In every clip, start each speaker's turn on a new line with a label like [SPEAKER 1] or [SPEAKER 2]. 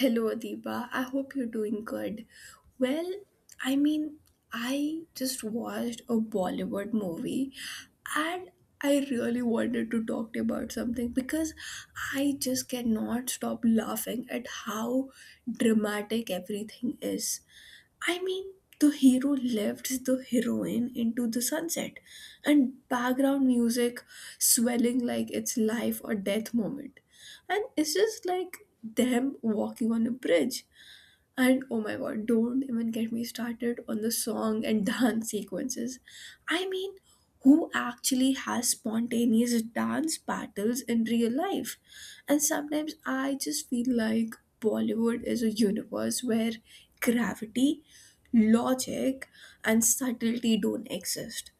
[SPEAKER 1] Hello, Adiba. I hope you're doing good. Well, I mean, I just watched a Bollywood movie and I really wanted to talk to you about something because I just cannot stop laughing at how dramatic everything is. I mean, the hero lifts the heroine into the sunset, and background music swelling like it's life or death moment. And it's just like them walking on a bridge. And oh my god, don't even get me started on the song and dance sequences. I mean, who actually has spontaneous dance battles in real life? And sometimes I just feel like Bollywood is a universe where gravity, logic, and subtlety don't exist.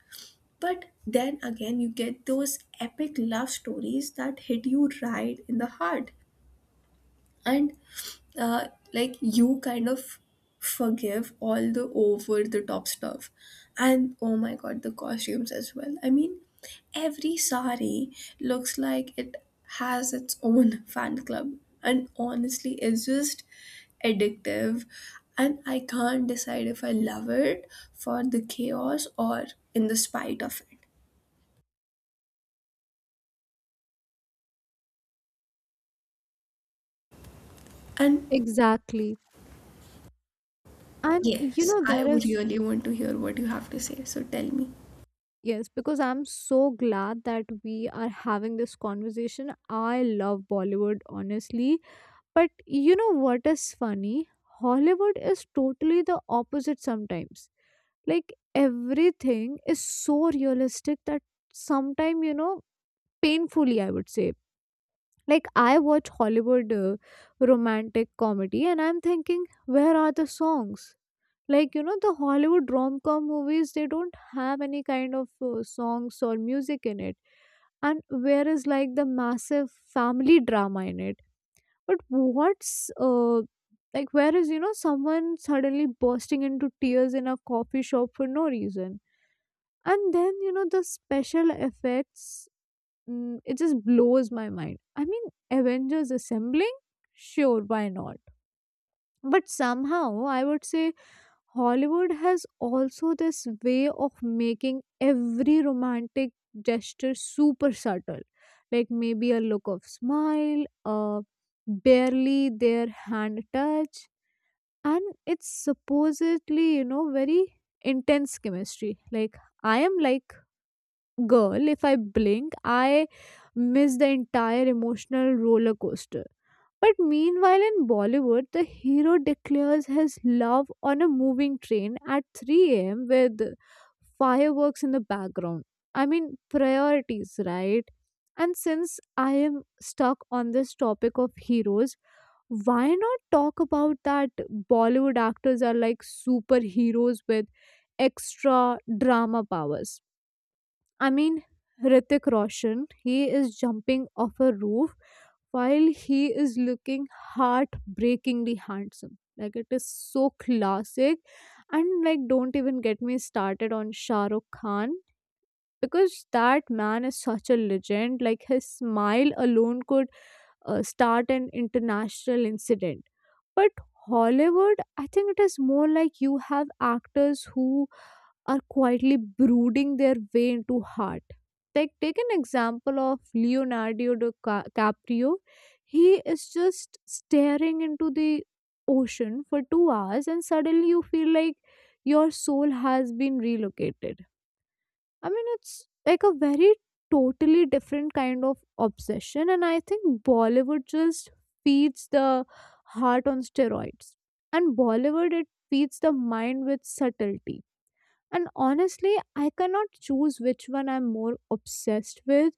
[SPEAKER 1] But then again, you get those epic love stories that hit you right in the heart and like you kind of forgive all the over the top stuff. And oh my god, the costumes as well. I mean, every sari looks like it has its own fan club. And honestly, it's just addictive, and I can't decide if I love it for the chaos or in the spite of it. And
[SPEAKER 2] Exactly. And you
[SPEAKER 1] yes,
[SPEAKER 2] know,
[SPEAKER 1] I
[SPEAKER 2] there
[SPEAKER 1] would
[SPEAKER 2] is,
[SPEAKER 1] really want to hear what you have to say, so tell me.
[SPEAKER 2] yes, because I'm so glad that we are having this conversation. I love Bollywood, honestly. But you know what is funny? Hollywood is totally the opposite sometimes. Like everything is so realistic that sometimes, painfully, I would say. Like I watch Hollywood romantic comedy and I'm thinking, where are the songs? Like the Hollywood rom-com movies, they don't have any kind of songs or music in it, and whereas like the massive family drama in it. But what's like whereas someone suddenly bursting into tears in a coffee shop for no reason, and then the special effects, it just blows my mind. I mean, Avengers assembling, sure, why not? But somehow I would say Hollywood has also this way of making every romantic gesture super subtle, like maybe a look of smile, a barely their hand touch, and it's, supposedly, very intense chemistry. Like, I am like, girl, if I blink, I miss the entire emotional roller coaster. But meanwhile, in Bollywood, the hero declares his love on a moving train at 3 am with fireworks in the background. I mean, priorities, right? And since I am stuck on this topic of heroes, why not talk about that? Bollywood actors are like superheroes with extra drama powers? I mean, Ritik Roshan, he is jumping off a roof while he is looking heartbreakingly handsome. Like it is so classic, and like don't even get me started on Shah Rukh Khan, because that man is such a legend. Like his smile alone could start an international incident. But Hollywood, I think it is more like you have actors who are quietly brooding their way into heart. Like take an example of Leonardo DiCaprio. He is just staring into the ocean for 2 hours, and suddenly you feel like your soul has been relocated. I mean, it's like a very totally different kind of obsession, and I think Bollywood just feeds the heart on steroids. And Bollywood, it feeds the mind with subtlety. And honestly, I cannot choose which one I'm more obsessed with.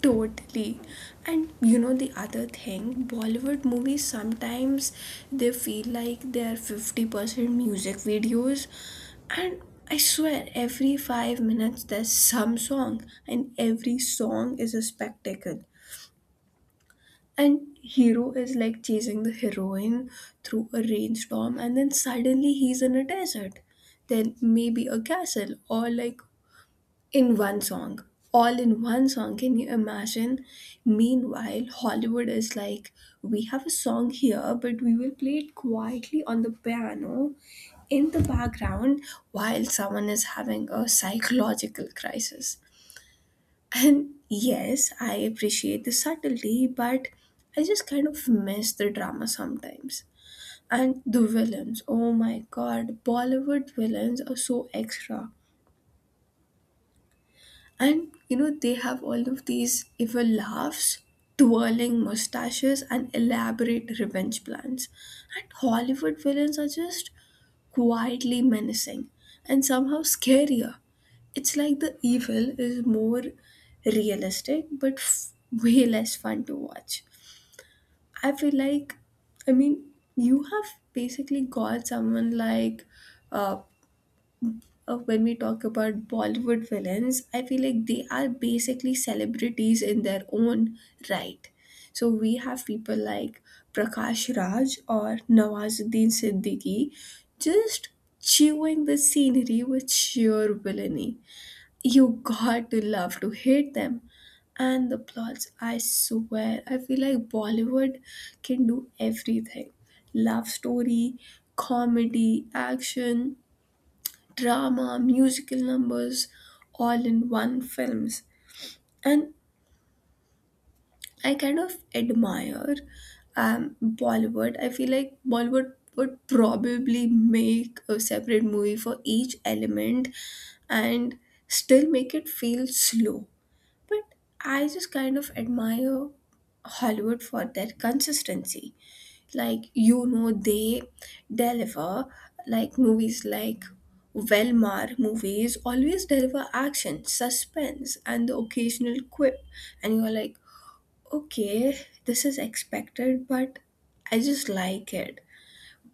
[SPEAKER 1] Totally. And you know the other thing, Bollywood movies sometimes they feel like they're 50% music videos, and I swear every 5 minutes there's some song and every song is a spectacle. And hero is like chasing the heroine through a rainstorm and then suddenly he's in a desert. Then maybe a castle, or like in one song, all in one song, can you imagine? Meanwhile, Hollywood is like, we have a song here but we will play it quietly on the piano in the background while someone is having a psychological crisis. And yes, I appreciate the subtlety, but I just kind of miss the drama sometimes. And the villains, oh my god, Bollywood villains are so extra. And you know, they have all of these evil laughs, twirling mustaches, and elaborate revenge plans. And Hollywood villains are just quietly menacing and somehow scarier. It's like the evil is more realistic but way less fun to watch. I feel like, I mean, you have basically got someone like uh, when we talk about Bollywood villains, I feel like they are basically celebrities in their own right. So we have people like Prakash Raj or Nawazuddin Siddiqui just chewing the scenery with sheer villainy. You got to love to hate them. And the plots, I swear, I feel like Bollywood can do everything: love story, comedy, action drama, musical numbers, all in one films. And I kind of admire Bollywood. I feel like Bollywood would probably make a separate movie for each element and still make it feel slow. But I just kind of admire Hollywood for their consistency. Like, you know, they deliver, like movies like Velmar movies always deliver action, suspense, and the occasional quip. And you're like, okay, this is expected, but I just like it.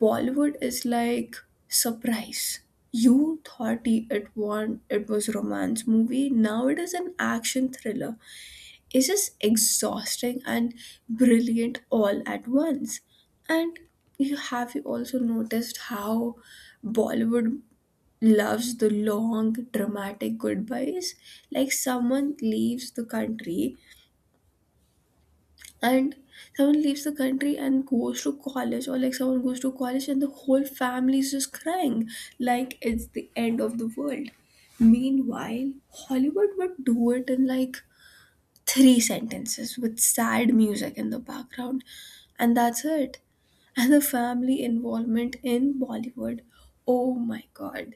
[SPEAKER 1] Bollywood is like, surprise. You thought it was romance movie. Now it is an action thriller. Is just exhausting and brilliant all at once. And you have you also noticed how Bollywood loves the long dramatic goodbyes? Like someone leaves the country and someone leaves the country and goes to college, or like someone goes to college and the whole family is just crying like it's the end of the world. Meanwhile, Hollywood would do it in like three sentences with sad music in the background, and that's it. And the family involvement in Bollywood, oh my god,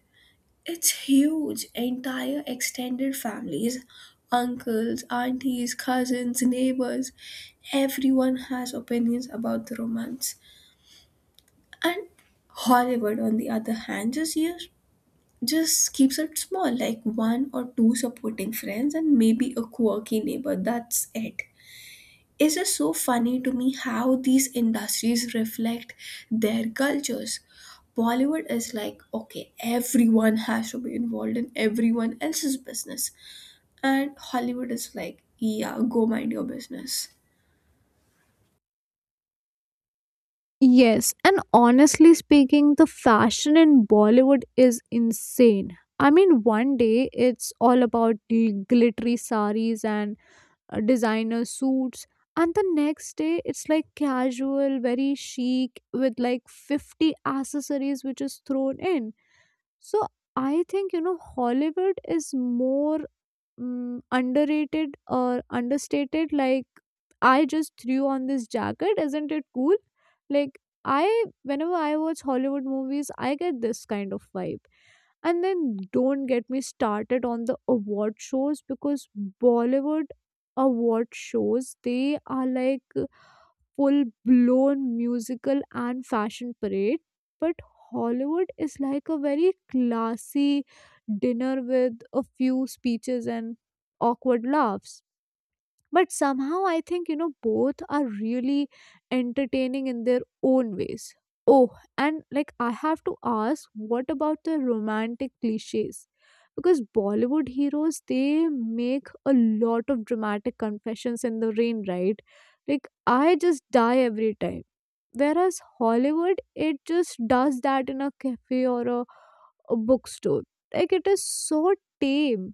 [SPEAKER 1] it's huge. Entire extended families, uncles, aunties, cousins, neighbors, everyone has opinions about the romance. And Hollywood, on the other hand, just use, just keeps it small, like one or two supporting friends and maybe a quirky neighbor. That's it. It's just so funny to me how these industries reflect their cultures. Bollywood is like, okay, everyone has to be involved in everyone else's business. And Hollywood is like, yeah, go mind your business.
[SPEAKER 2] Yes, and honestly speaking, the fashion in Bollywood is insane. I mean, one day it's all about glittery saris and designer suits, and the next day it's like casual very chic with like 50 accessories which is thrown in. So I think Hollywood is more, mm underrated or understated, like I just threw on this jacket, isn't it cool? Like, I whenever I watch Hollywood movies I get this kind of vibe. And then don't get me started on the award shows, because Bollywood award shows, they are like full blown musical and fashion parade, but Hollywood is like a very classy dinner with a few speeches and awkward laughs. But somehow I think both are really entertaining in their own ways. Oh, and like I have to ask, what about the romantic cliches? Because Bollywood heroes, they make a lot of dramatic confessions in the rain, right? Like, I just die every time. Whereas Hollywood, it just does that in a cafe or a bookstore. Like it is so tame.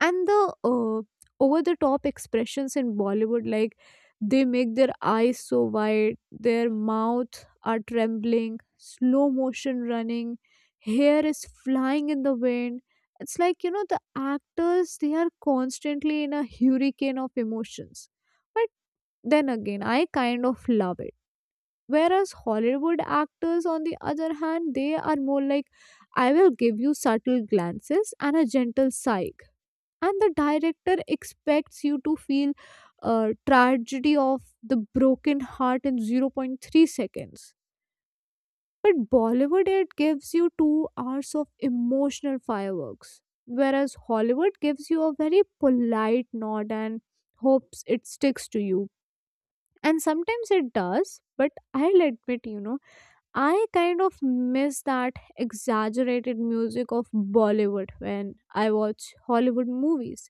[SPEAKER 2] And the over the top expressions in Bollywood, like they make their eyes so wide, their mouth are trembling, slow motion running, hair is flying in the wind. It's like the actors, they are constantly in a hurricane of emotions. But then again I kind of love it. Whereas Hollywood actors on the other hand, they are more like, I will give you subtle glances and a gentle sigh, and the director expects you to feel tragedy of the broken heart in zero point 0.3 seconds. But Bollywood, it gives you 2 hours of emotional fireworks, whereas Hollywood gives you a very polite nod and hopes it sticks to you, and sometimes it does. But I'll admit, I kind of miss that exaggerated music of Bollywood when I watch Hollywood movies.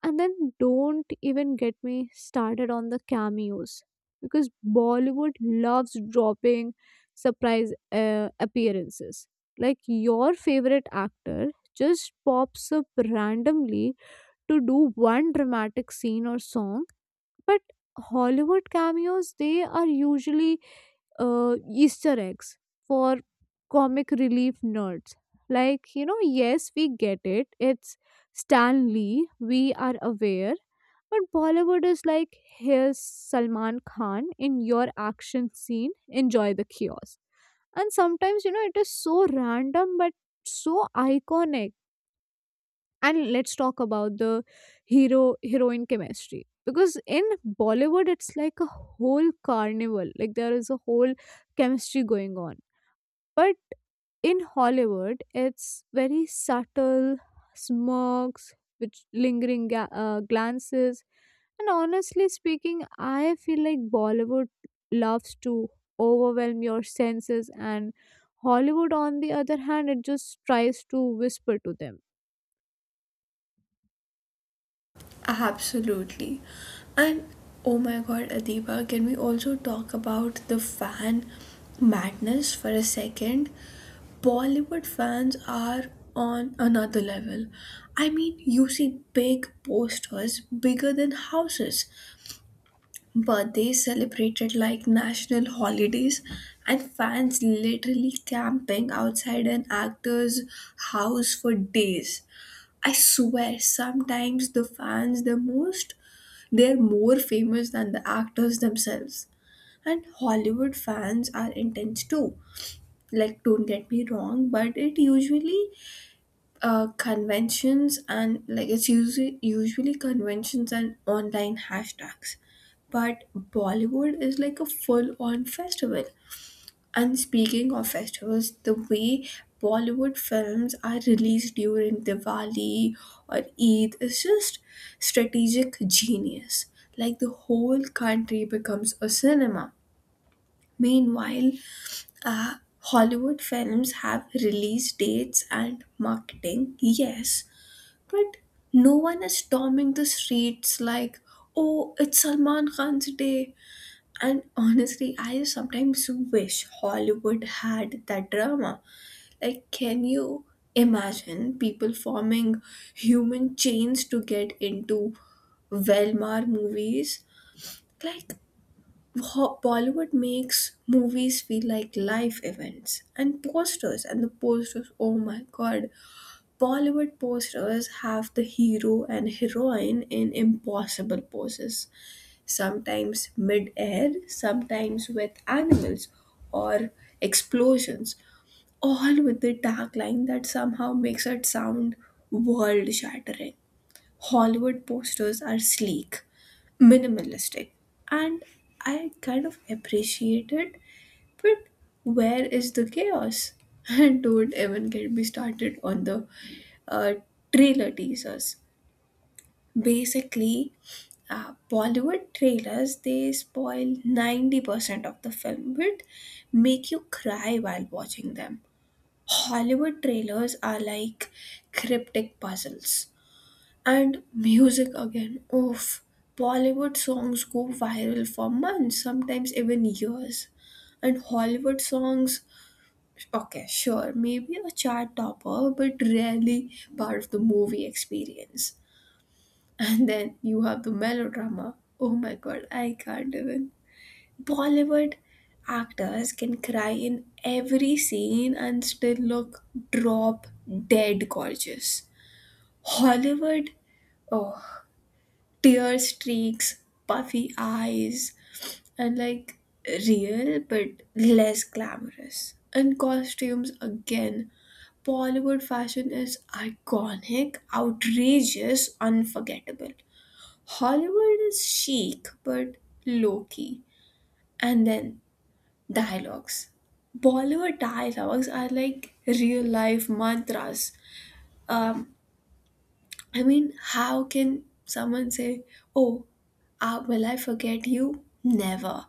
[SPEAKER 2] And then don't even get me started on the cameos, because Bollywood loves dropping surprise appearances. Like your favorite actor just pops up randomly to do one dramatic scene or song. But Hollywood cameos, they are usually Easter eggs for comic relief nerds. Like, yes, we get it. It's Stan Lee. We are aware. But Bollywood is like, here's Salman Khan in your action scene. Enjoy the chaos. And sometimes, it is so random but so iconic. And let's talk about the hero heroine chemistry, because in Bollywood it's like a whole carnival, like there is a whole chemistry going on. But in Hollywood it's very subtle smirks, which lingering glances. And honestly speaking, I feel like Bollywood loves to overwhelm your senses, and Hollywood on the other hand, it just tries to whisper to them.
[SPEAKER 1] Absolutely. And oh my god, Adiba, can we also talk about the fan madness for a second? Bollywood fans are on another level. I mean, you see big posters bigger than houses, birthdays celebrated like national holidays, and fans literally camping outside an actor's house for days. I swear, sometimes the fans, the most, they're more famous than the actors themselves. And Hollywood fans are intense too. Like, don't get me wrong, but it usually conventions, and like it's usually conventions and online hashtags. But Bollywood is like a full on festival. And speaking of festivals, the way Bollywood films are released during Diwali or Eid is just strategic genius. Like the whole country becomes a cinema. Meanwhile, uh, Hollywood films have release dates and marketing, yes, but no one is storming the streets like, oh, it's Salman Khan's day. And honestly, I sometimes wish Hollywood had that drama. Like, can you imagine people forming human chains to get into Velmar movies? Like, Bollywood makes movies feel like live events. And posters, and the posters, oh my god, Bollywood posters have the hero and heroine in impossible poses, sometimes mid air, sometimes with animals or explosions, all with the tagline that somehow makes it sound world shattering. Hollywood posters are sleek, minimalistic, and I kind of appreciate it, but where is the chaos? And don't even get me started on the uh, trailer teasers. Basically, Bollywood trailers they spoil 90% of the film but make you cry while watching them. Hollywood trailers are like cryptic puzzles. And music again. Oof. Bollywood songs go viral for months, sometimes even years, and Hollywood songs, okay, sure, maybe a chart topper, but rarely part of the movie experience. And then you have the melodrama. Oh my god, I can't even. Bollywood actors can cry in every scene and still look drop dead gorgeous. Hollywood, oh, tear streaks, puffy eyes, and like real but less glamorous. And costumes again, Bollywood fashion is iconic, outrageous, unforgettable. Hollywood is chic but low key. And then dialogues. Bollywood dialogues are like real life mantras. Um, I mean, how can someone say, oh, will I forget you? Never.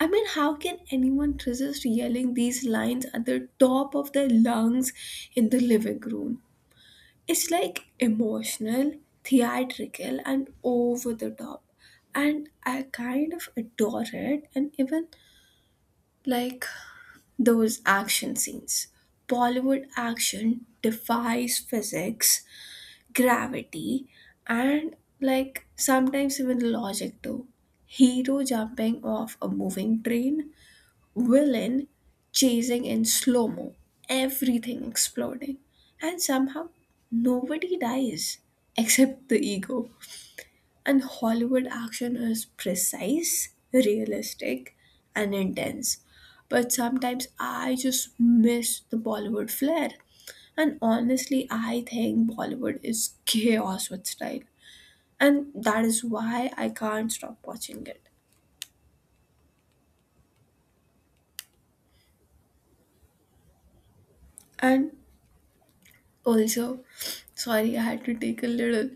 [SPEAKER 1] I mean, how can anyone resist yelling these lines at the top of their lungs in the living room? It's like emotional, theatrical, and over the top. And I kind of adore it. And even like those action scenes. Bollywood action defies physics, gravity, and like sometimes even logic too. Hero jumping off a moving train, villain chasing in slow mo, everything exploding, and somehow nobody dies except the ego. And Hollywood action is precise, realistic, and intense. But sometimes I just miss the Bollywood flair. And honestly, I think Bollywood is chaos with style. And that is why I can't stop watching it. And also, sorry, I had to take a little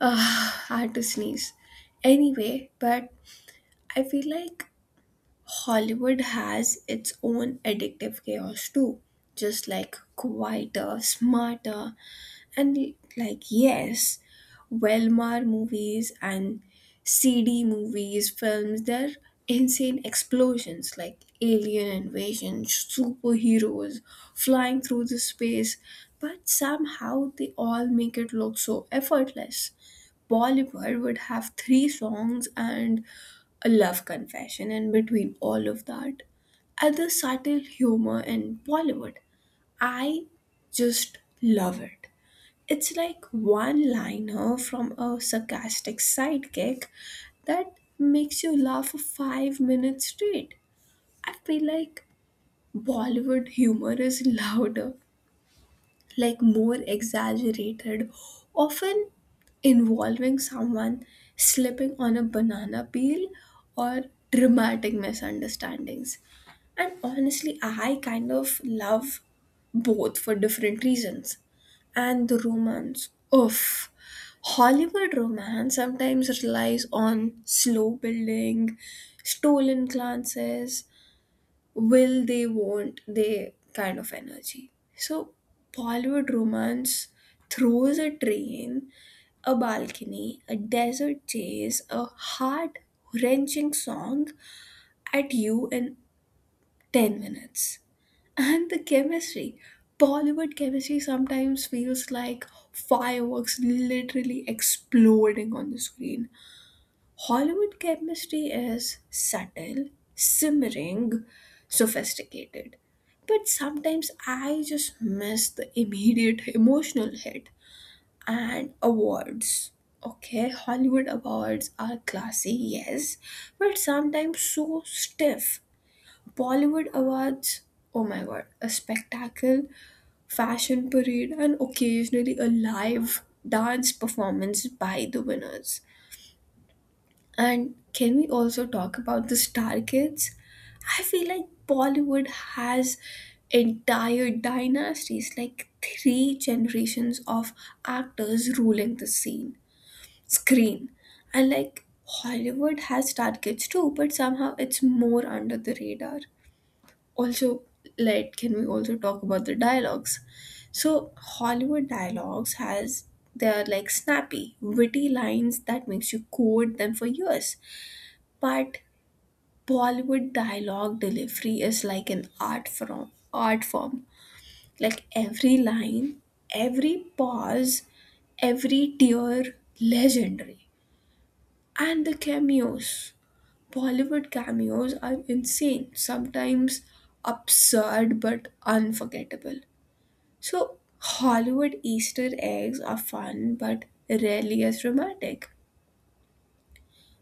[SPEAKER 1] ugh, I had to sneeze. Anyway, but I feel like Hollywood has its own addictive chaos too. Just like quieter, smarter, and like, yes, Velmar movies and CD movies, films, they're insane explosions like alien invasion, superheroes flying through the space, but somehow they all make it look so effortless. Bollywood would have three songs and a love confession in between all of that. Other subtle humor in Bollywood. I just love it. It's like one liner from a sarcastic sidekick that makes you laugh for 5 minutes straight. I feel like Bollywood humor is louder, like more exaggerated, often involving someone slipping on a banana peel or dramatic misunderstandings. And honestly, I kind of love both for different reasons. And the romance. Oof. Hollywood romance sometimes relies on slow building, stolen glances, will they, won't they kind of energy. So Bollywood romance throws a train, a balcony, a desert chase, a heart wrenching song at you in 10 minutes. And the chemistry. Bollywood chemistry sometimes feels like fireworks literally exploding on the screen. Hollywood chemistry is subtle, simmering, sophisticated. But sometimes I just miss the immediate emotional hit. And awards. Okay, Hollywood awards are classy, yes, but sometimes so stiff. Bollywood awards, oh my god, a spectacle, fashion parade, and occasionally a live dance performance by the winners. And can we also talk about the star kids? I feel like Bollywood has entire dynasties, like three generations of actors ruling the scene, screen. And like Hollywood has star kids too, but somehow it's more under the radar. Also, like, can we also talk about the dialogues? So Hollywood dialogues has, they are like snappy witty lines that makes you quote them for years. But Bollywood dialogue delivery is like an art form. Like every line, every pause, every tear legendary. And the cameos, Bollywood cameos are insane, sometimes absurd but unforgettable. So Hollywood Easter eggs are fun but rarely as dramatic.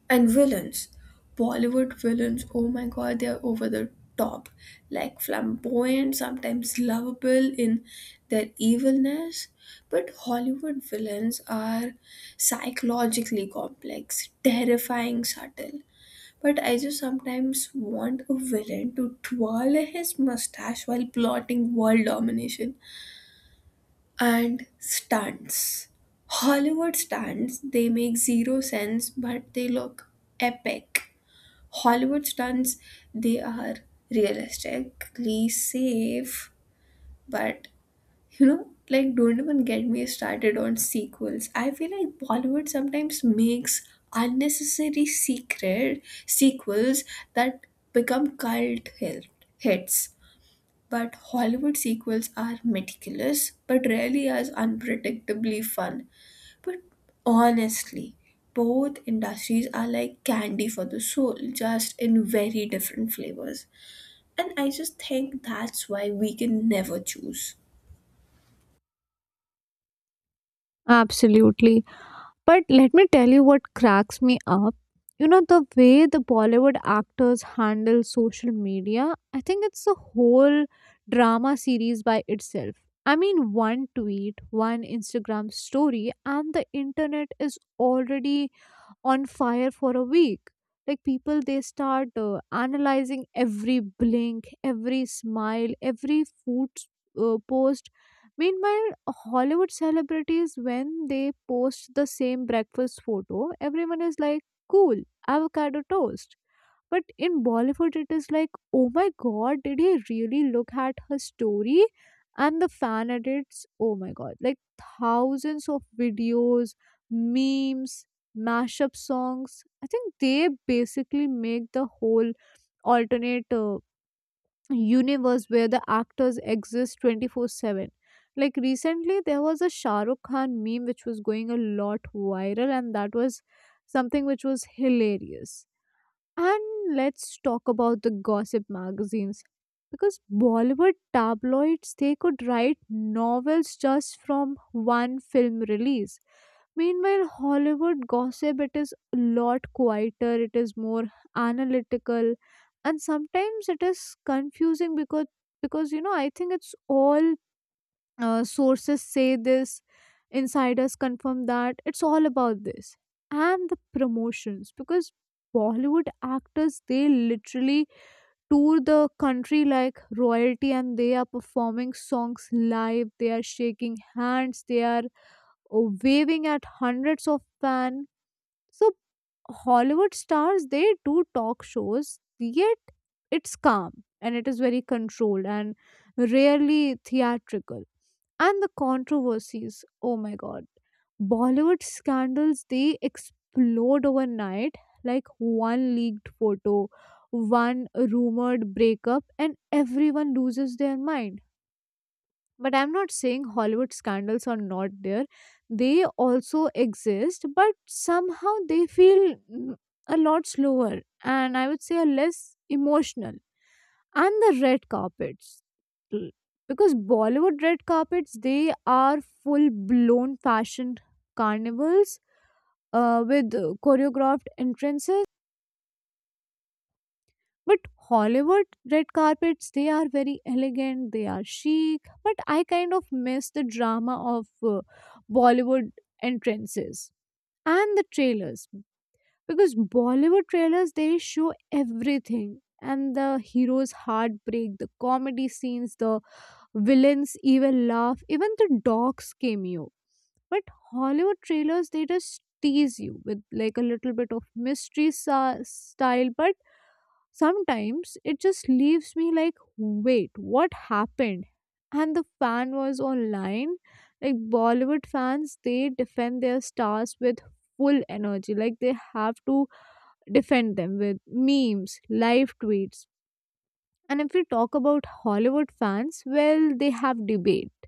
[SPEAKER 1] And villains, Bollywood villains, oh my god, they are over the top. Like flamboyant, sometimes lovable in their evilness. But Hollywood villains are psychologically complex, terrifying, subtle. But I just sometimes want a villain to twirl his mustache while plotting world domination. And stunts. Hollywood stunts, they make zero sense, but they look epic. Hollywood stunts, they are realistically safe, but you know, like, don't even get me started on sequels. I feel like Bollywood sometimes makes unnecessary secret sequels that become hits. But Hollywood sequels are meticulous, but rarely as unpredictably fun. But honestly, both industries are like candy for the soul, just in very different flavors. And I just think that's why we can never choose.
[SPEAKER 2] Absolutely. But let me tell you what cracks me up. You know, the way the Bollywood actors handle social media, I think it's a whole drama series by itself. I mean, one tweet, one Instagram story, and the internet is already on fire for a week. Like people they start analyzing every blink, every smile, every food post. Meanwhile, Hollywood celebrities, when they post the same breakfast photo, everyone is like, cool, avocado toast. But in Bollywood it is like, oh my god, did he really look at her story? And the fan edits, oh my god, like thousands of videos, memes, mashup songs. I think they basically make the whole alternate universe where the actors exist 24/7. Like recently, there was a Shah Rukh Khan meme which was going a lot viral, and that was something which was hilarious. And let's talk about the gossip magazines. Because Bollywood tabloids, they could write novels just from one film release. Meanwhile, Hollywood gossip, it is a lot quieter, it is more analytical, and sometimes it is confusing, because I think it's all sources say this, insiders confirm that. It's all about this. And the promotions, because Bollywood actors they literally tour the country like royalty, and they are performing songs live, they are shaking hands, they are waving at hundreds of fans. So Hollywood stars, they do talk shows, yet it's calm and it is very controlled and rarely theatrical. And the controversies, oh my god, Bollywood scandals, they explode overnight, like one leaked photo, one rumored breakup, and everyone loses their mind. But I'm not saying Hollywood scandals are not there, they also exist, but somehow they feel, mm, a lot slower, and I would say a less emotional. And the red carpets, L- because Bollywood red carpets, they are full blown fashion carnivals, with choreographed entrances. But Hollywood red carpets, they are very elegant, they are chic, but I kind of miss the drama of uh, Bollywood entrances. And the trailers, because Bollywood trailers, they show everything, and the hero's heartbreak, the comedy scenes, the villains even laugh, even the dogs cameo. But Hollywood trailers, they just tease you with like a little bit of mystery style. But sometimes it just leaves me like, wait, what happened? And the fan was online, like Bollywood fans, they defend their stars with full energy, like they have to defend them with memes, live tweets. And if we talk about Hollywood fans, well, they have debate,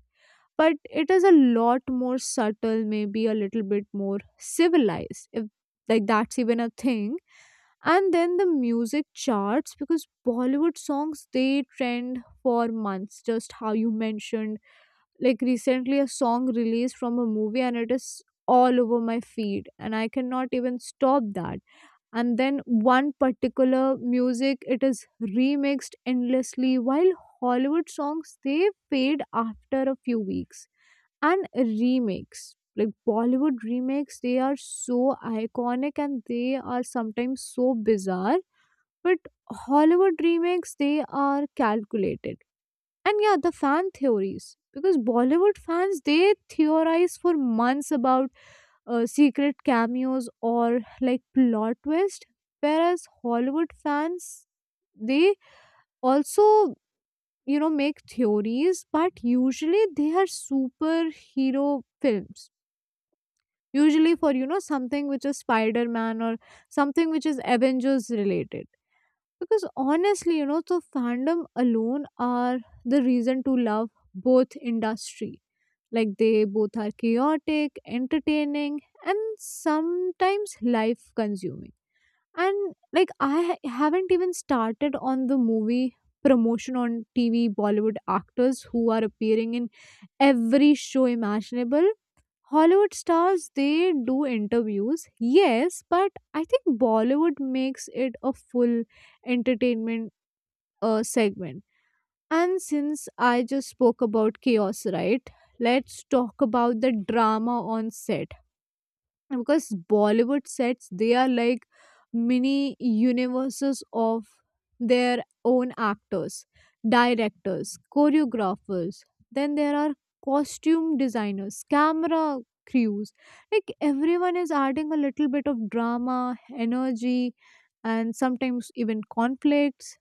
[SPEAKER 2] but it is a lot more subtle, maybe a little bit more civilized, if like that's even a thing. And then the music charts, because Bollywood songs, they trend for months, just how you mentioned. Like recently a song released from a movie and it is all over my feed and I cannot even stop that. And then one particular music, it is remixed endlessly, while Hollywood songs, they fade after a few weeks. And remakes, like Bollywood remakes, they are so iconic and they are sometimes so bizarre. But Hollywood remakes, they are calculated. And yeah, the fan theories, because Bollywood fans, they theorize for months about secret cameos or like plot twist. Whereas Hollywood fans, they also make theories, but usually they are superhero films, usually for something which is Spider-Man or something which is Avengers related. Because honestly the fandom alone are the reason to love both industry. Like they both are chaotic, entertaining, and sometimes life consuming. And like I haven't even started on the movie promotion on TV. Bollywood actors who are appearing in every show imaginable. Hollywood stars, they do interviews, yes, but I think Bollywood makes it a full entertainment segment. And since I just spoke about chaos, right? Let's talk about the drama on set, because Bollywood sets, they are like mini universes of their own. Actors, directors, choreographers, then there are costume designers, camera crews, like everyone is adding a little bit of drama, energy, and sometimes even conflicts.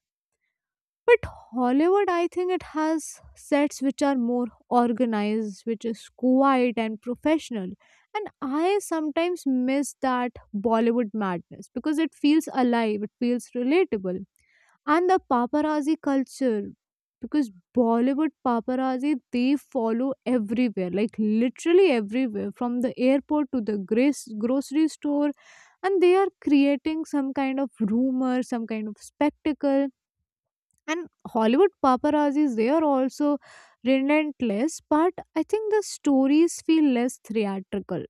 [SPEAKER 2] But Hollywood, I think it has sets which are more organized, which is quiet and professional. And I sometimes miss that Bollywood madness because it feels alive, it feels relatable. And the paparazzi culture, because Bollywood paparazzi, they follow everywhere, like literally everywhere, from the airport to the grocery store. And they are creating some kind of rumor, some kind of spectacle, and Hollywood paparazzis, they are also relentless, but I think the stories feel less theatrical.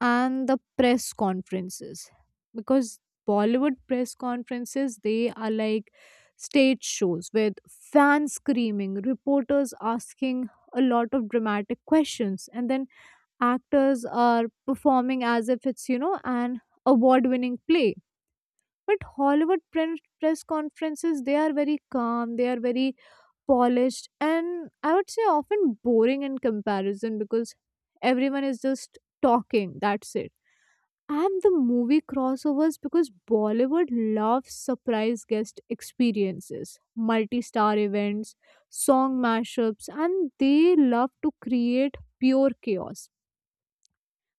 [SPEAKER 2] And the press conferences, because Bollywood press conferences, they are like stage shows with fans screaming, reporters asking a lot of dramatic questions, and then actors are performing as if it's, you know, an award winning play. But Hollywood press conferences, they are very calm, they are very polished, and I would say often boring in comparison, because everyone is just talking. That's it. And the movie crossovers, because Bollywood loves surprise guest experiences, multi star events, song mashups, and they love to create pure chaos.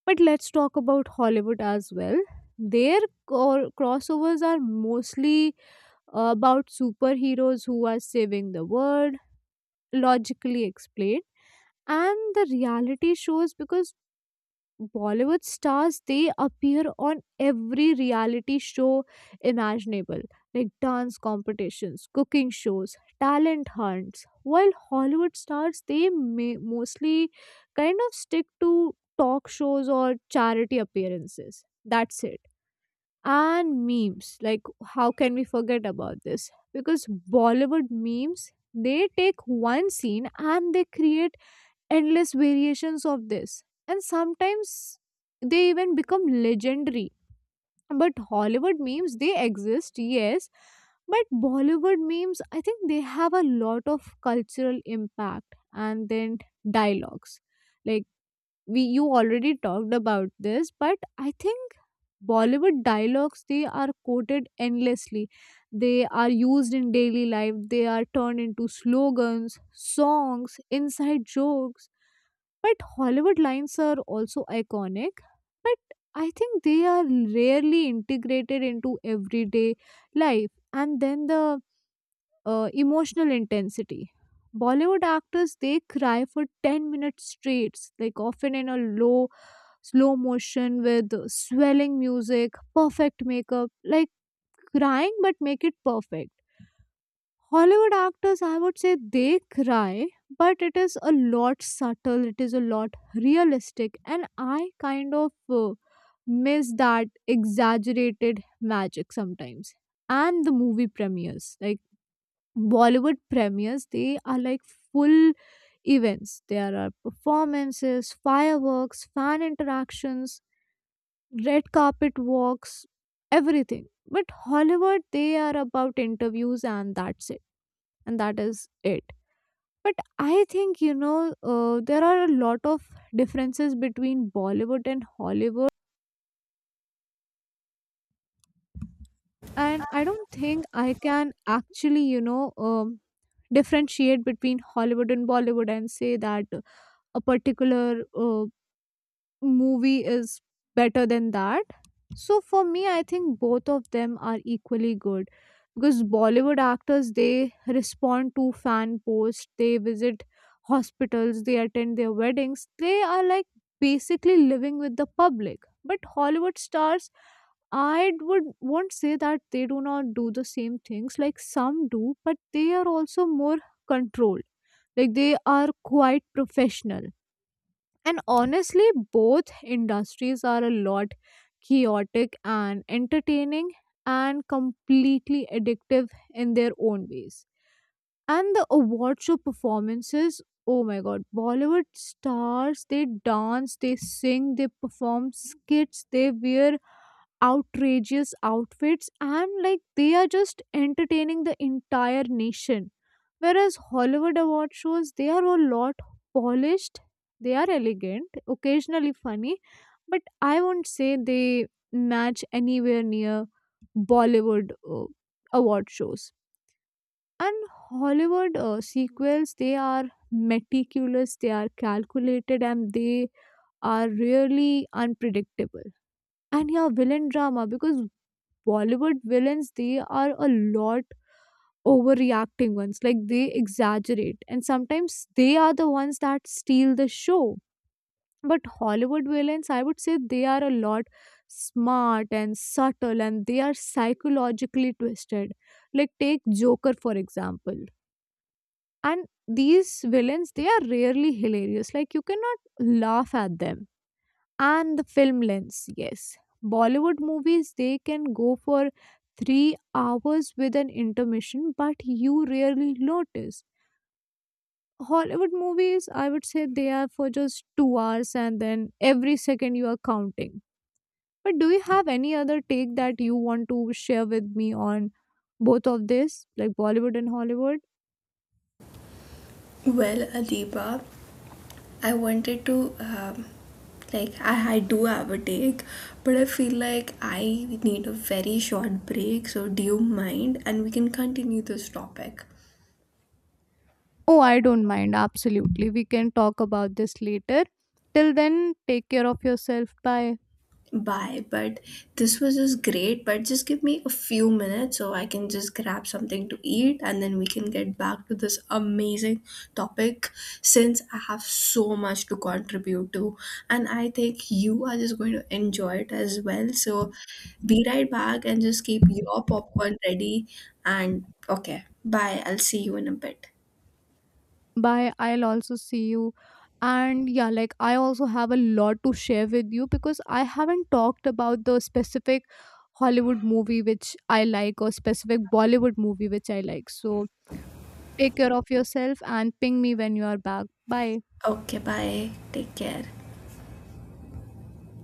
[SPEAKER 2] But let's talk about Hollywood as well. Their crossovers are mostly about superheroes who are saving the world, logically explained. And the reality shows, because Bollywood stars, they appear on every reality show imaginable, like dance competitions, cooking shows, talent hunts, while Hollywood stars, they may mostly kind of stick to talk shows or charity appearances, that's it. And memes, like how can we forget about this, because Bollywood memes, they take one scene and they create endless variations of this, and sometimes they even become legendary. But Hollywood memes, they exist, yes, but Bollywood memes, I think they have a lot of cultural impact. And then dialogues, like we you already talked about this, but I think Bollywood dialogues, they are quoted endlessly. They are used in daily life. They are turned into slogans, songs, inside jokes. But Hollywood lines are also iconic. But I think they are rarely integrated into everyday life. And then the emotional intensity. Bollywood actors, they cry for 10 minutes straight, like often in a low, slow motion with swelling music, perfect makeup, like crying but make it perfect. Hollywood actors, I would say they cry, but it is a lot subtle, it is a lot realistic, and I kind of miss that exaggerated magic sometimes. And the movie premieres, like Bollywood premieres, they are like full events. There are performances, fireworks, fan interactions, red carpet walks, everything. But Hollywood, they are about interviews and that's it. And that is it. But I think, you know, there are a lot of differences between Bollywood and Hollywood. And I don't think I can actually, you know, differentiate between Hollywood and Bollywood and say that a particular movie is better than that. So for me, I think both of them are equally good, because Bollywood actors, they respond to fan posts, they visit hospitals, they attend their weddings. They are like basically living with the public. But Hollywood stars, I would won't say that they do not do the same things, like some do, but they are also more controlled. Like, they are quite professional. And honestly, both industries are a lot chaotic and entertaining and completely addictive in their own ways. And the award show performances, oh my god, Bollywood stars, they dance, they sing, they perform skits, they wear outrageous outfits, and like they are just entertaining the entire nation, whereas Hollywood award shows, they are a lot polished, they are elegant, occasionally funny, but I won't say they match anywhere near Bollywood award shows. And Hollywood sequels, they are meticulous, they are calculated, and they are really unpredictable. And yeah, villain drama, because Bollywood villains, they are a lot overreacting ones. Like, they exaggerate, and sometimes they are the ones that steal the show. But Hollywood villains, I would say they are a lot smart and subtle, and they are psychologically twisted. Like, take Joker for example. And these villains, they are rarely hilarious. Like, you cannot laugh at them. And the film length, yes, Bollywood movies, they can go for 3 hours with an intermission, but you rarely notice. Hollywood movies, I would say they are for just 2 hours, and then every second you are counting. But do you have any other take that you want to share with me on both of this, like Bollywood and Hollywood?
[SPEAKER 1] Well, Adiba, I wanted to, like, I do have a take, but I feel like I need a very short break. So do you mind? And we can continue this topic.
[SPEAKER 2] Oh, I don't mind, absolutely, we can talk about this later. Till then, take care of yourself, bye.
[SPEAKER 1] Bye, but this was just great. But just give me a few minutes so I can just grab something to eat and then we can get back to this amazing topic, since I have so much to contribute to. And I think you are just going to enjoy it as well. So be right back and just keep your popcorn ready. And okay, bye. I'll see you in a bit.
[SPEAKER 2] Bye. I'll also see you. And yeah, like I also have a lot to share with you because I haven't talked about the specific Hollywood movie which I like, or specific Bollywood movie which I like. So take care of yourself and ping me when you are back. Bye.
[SPEAKER 1] Okay, bye. Take care.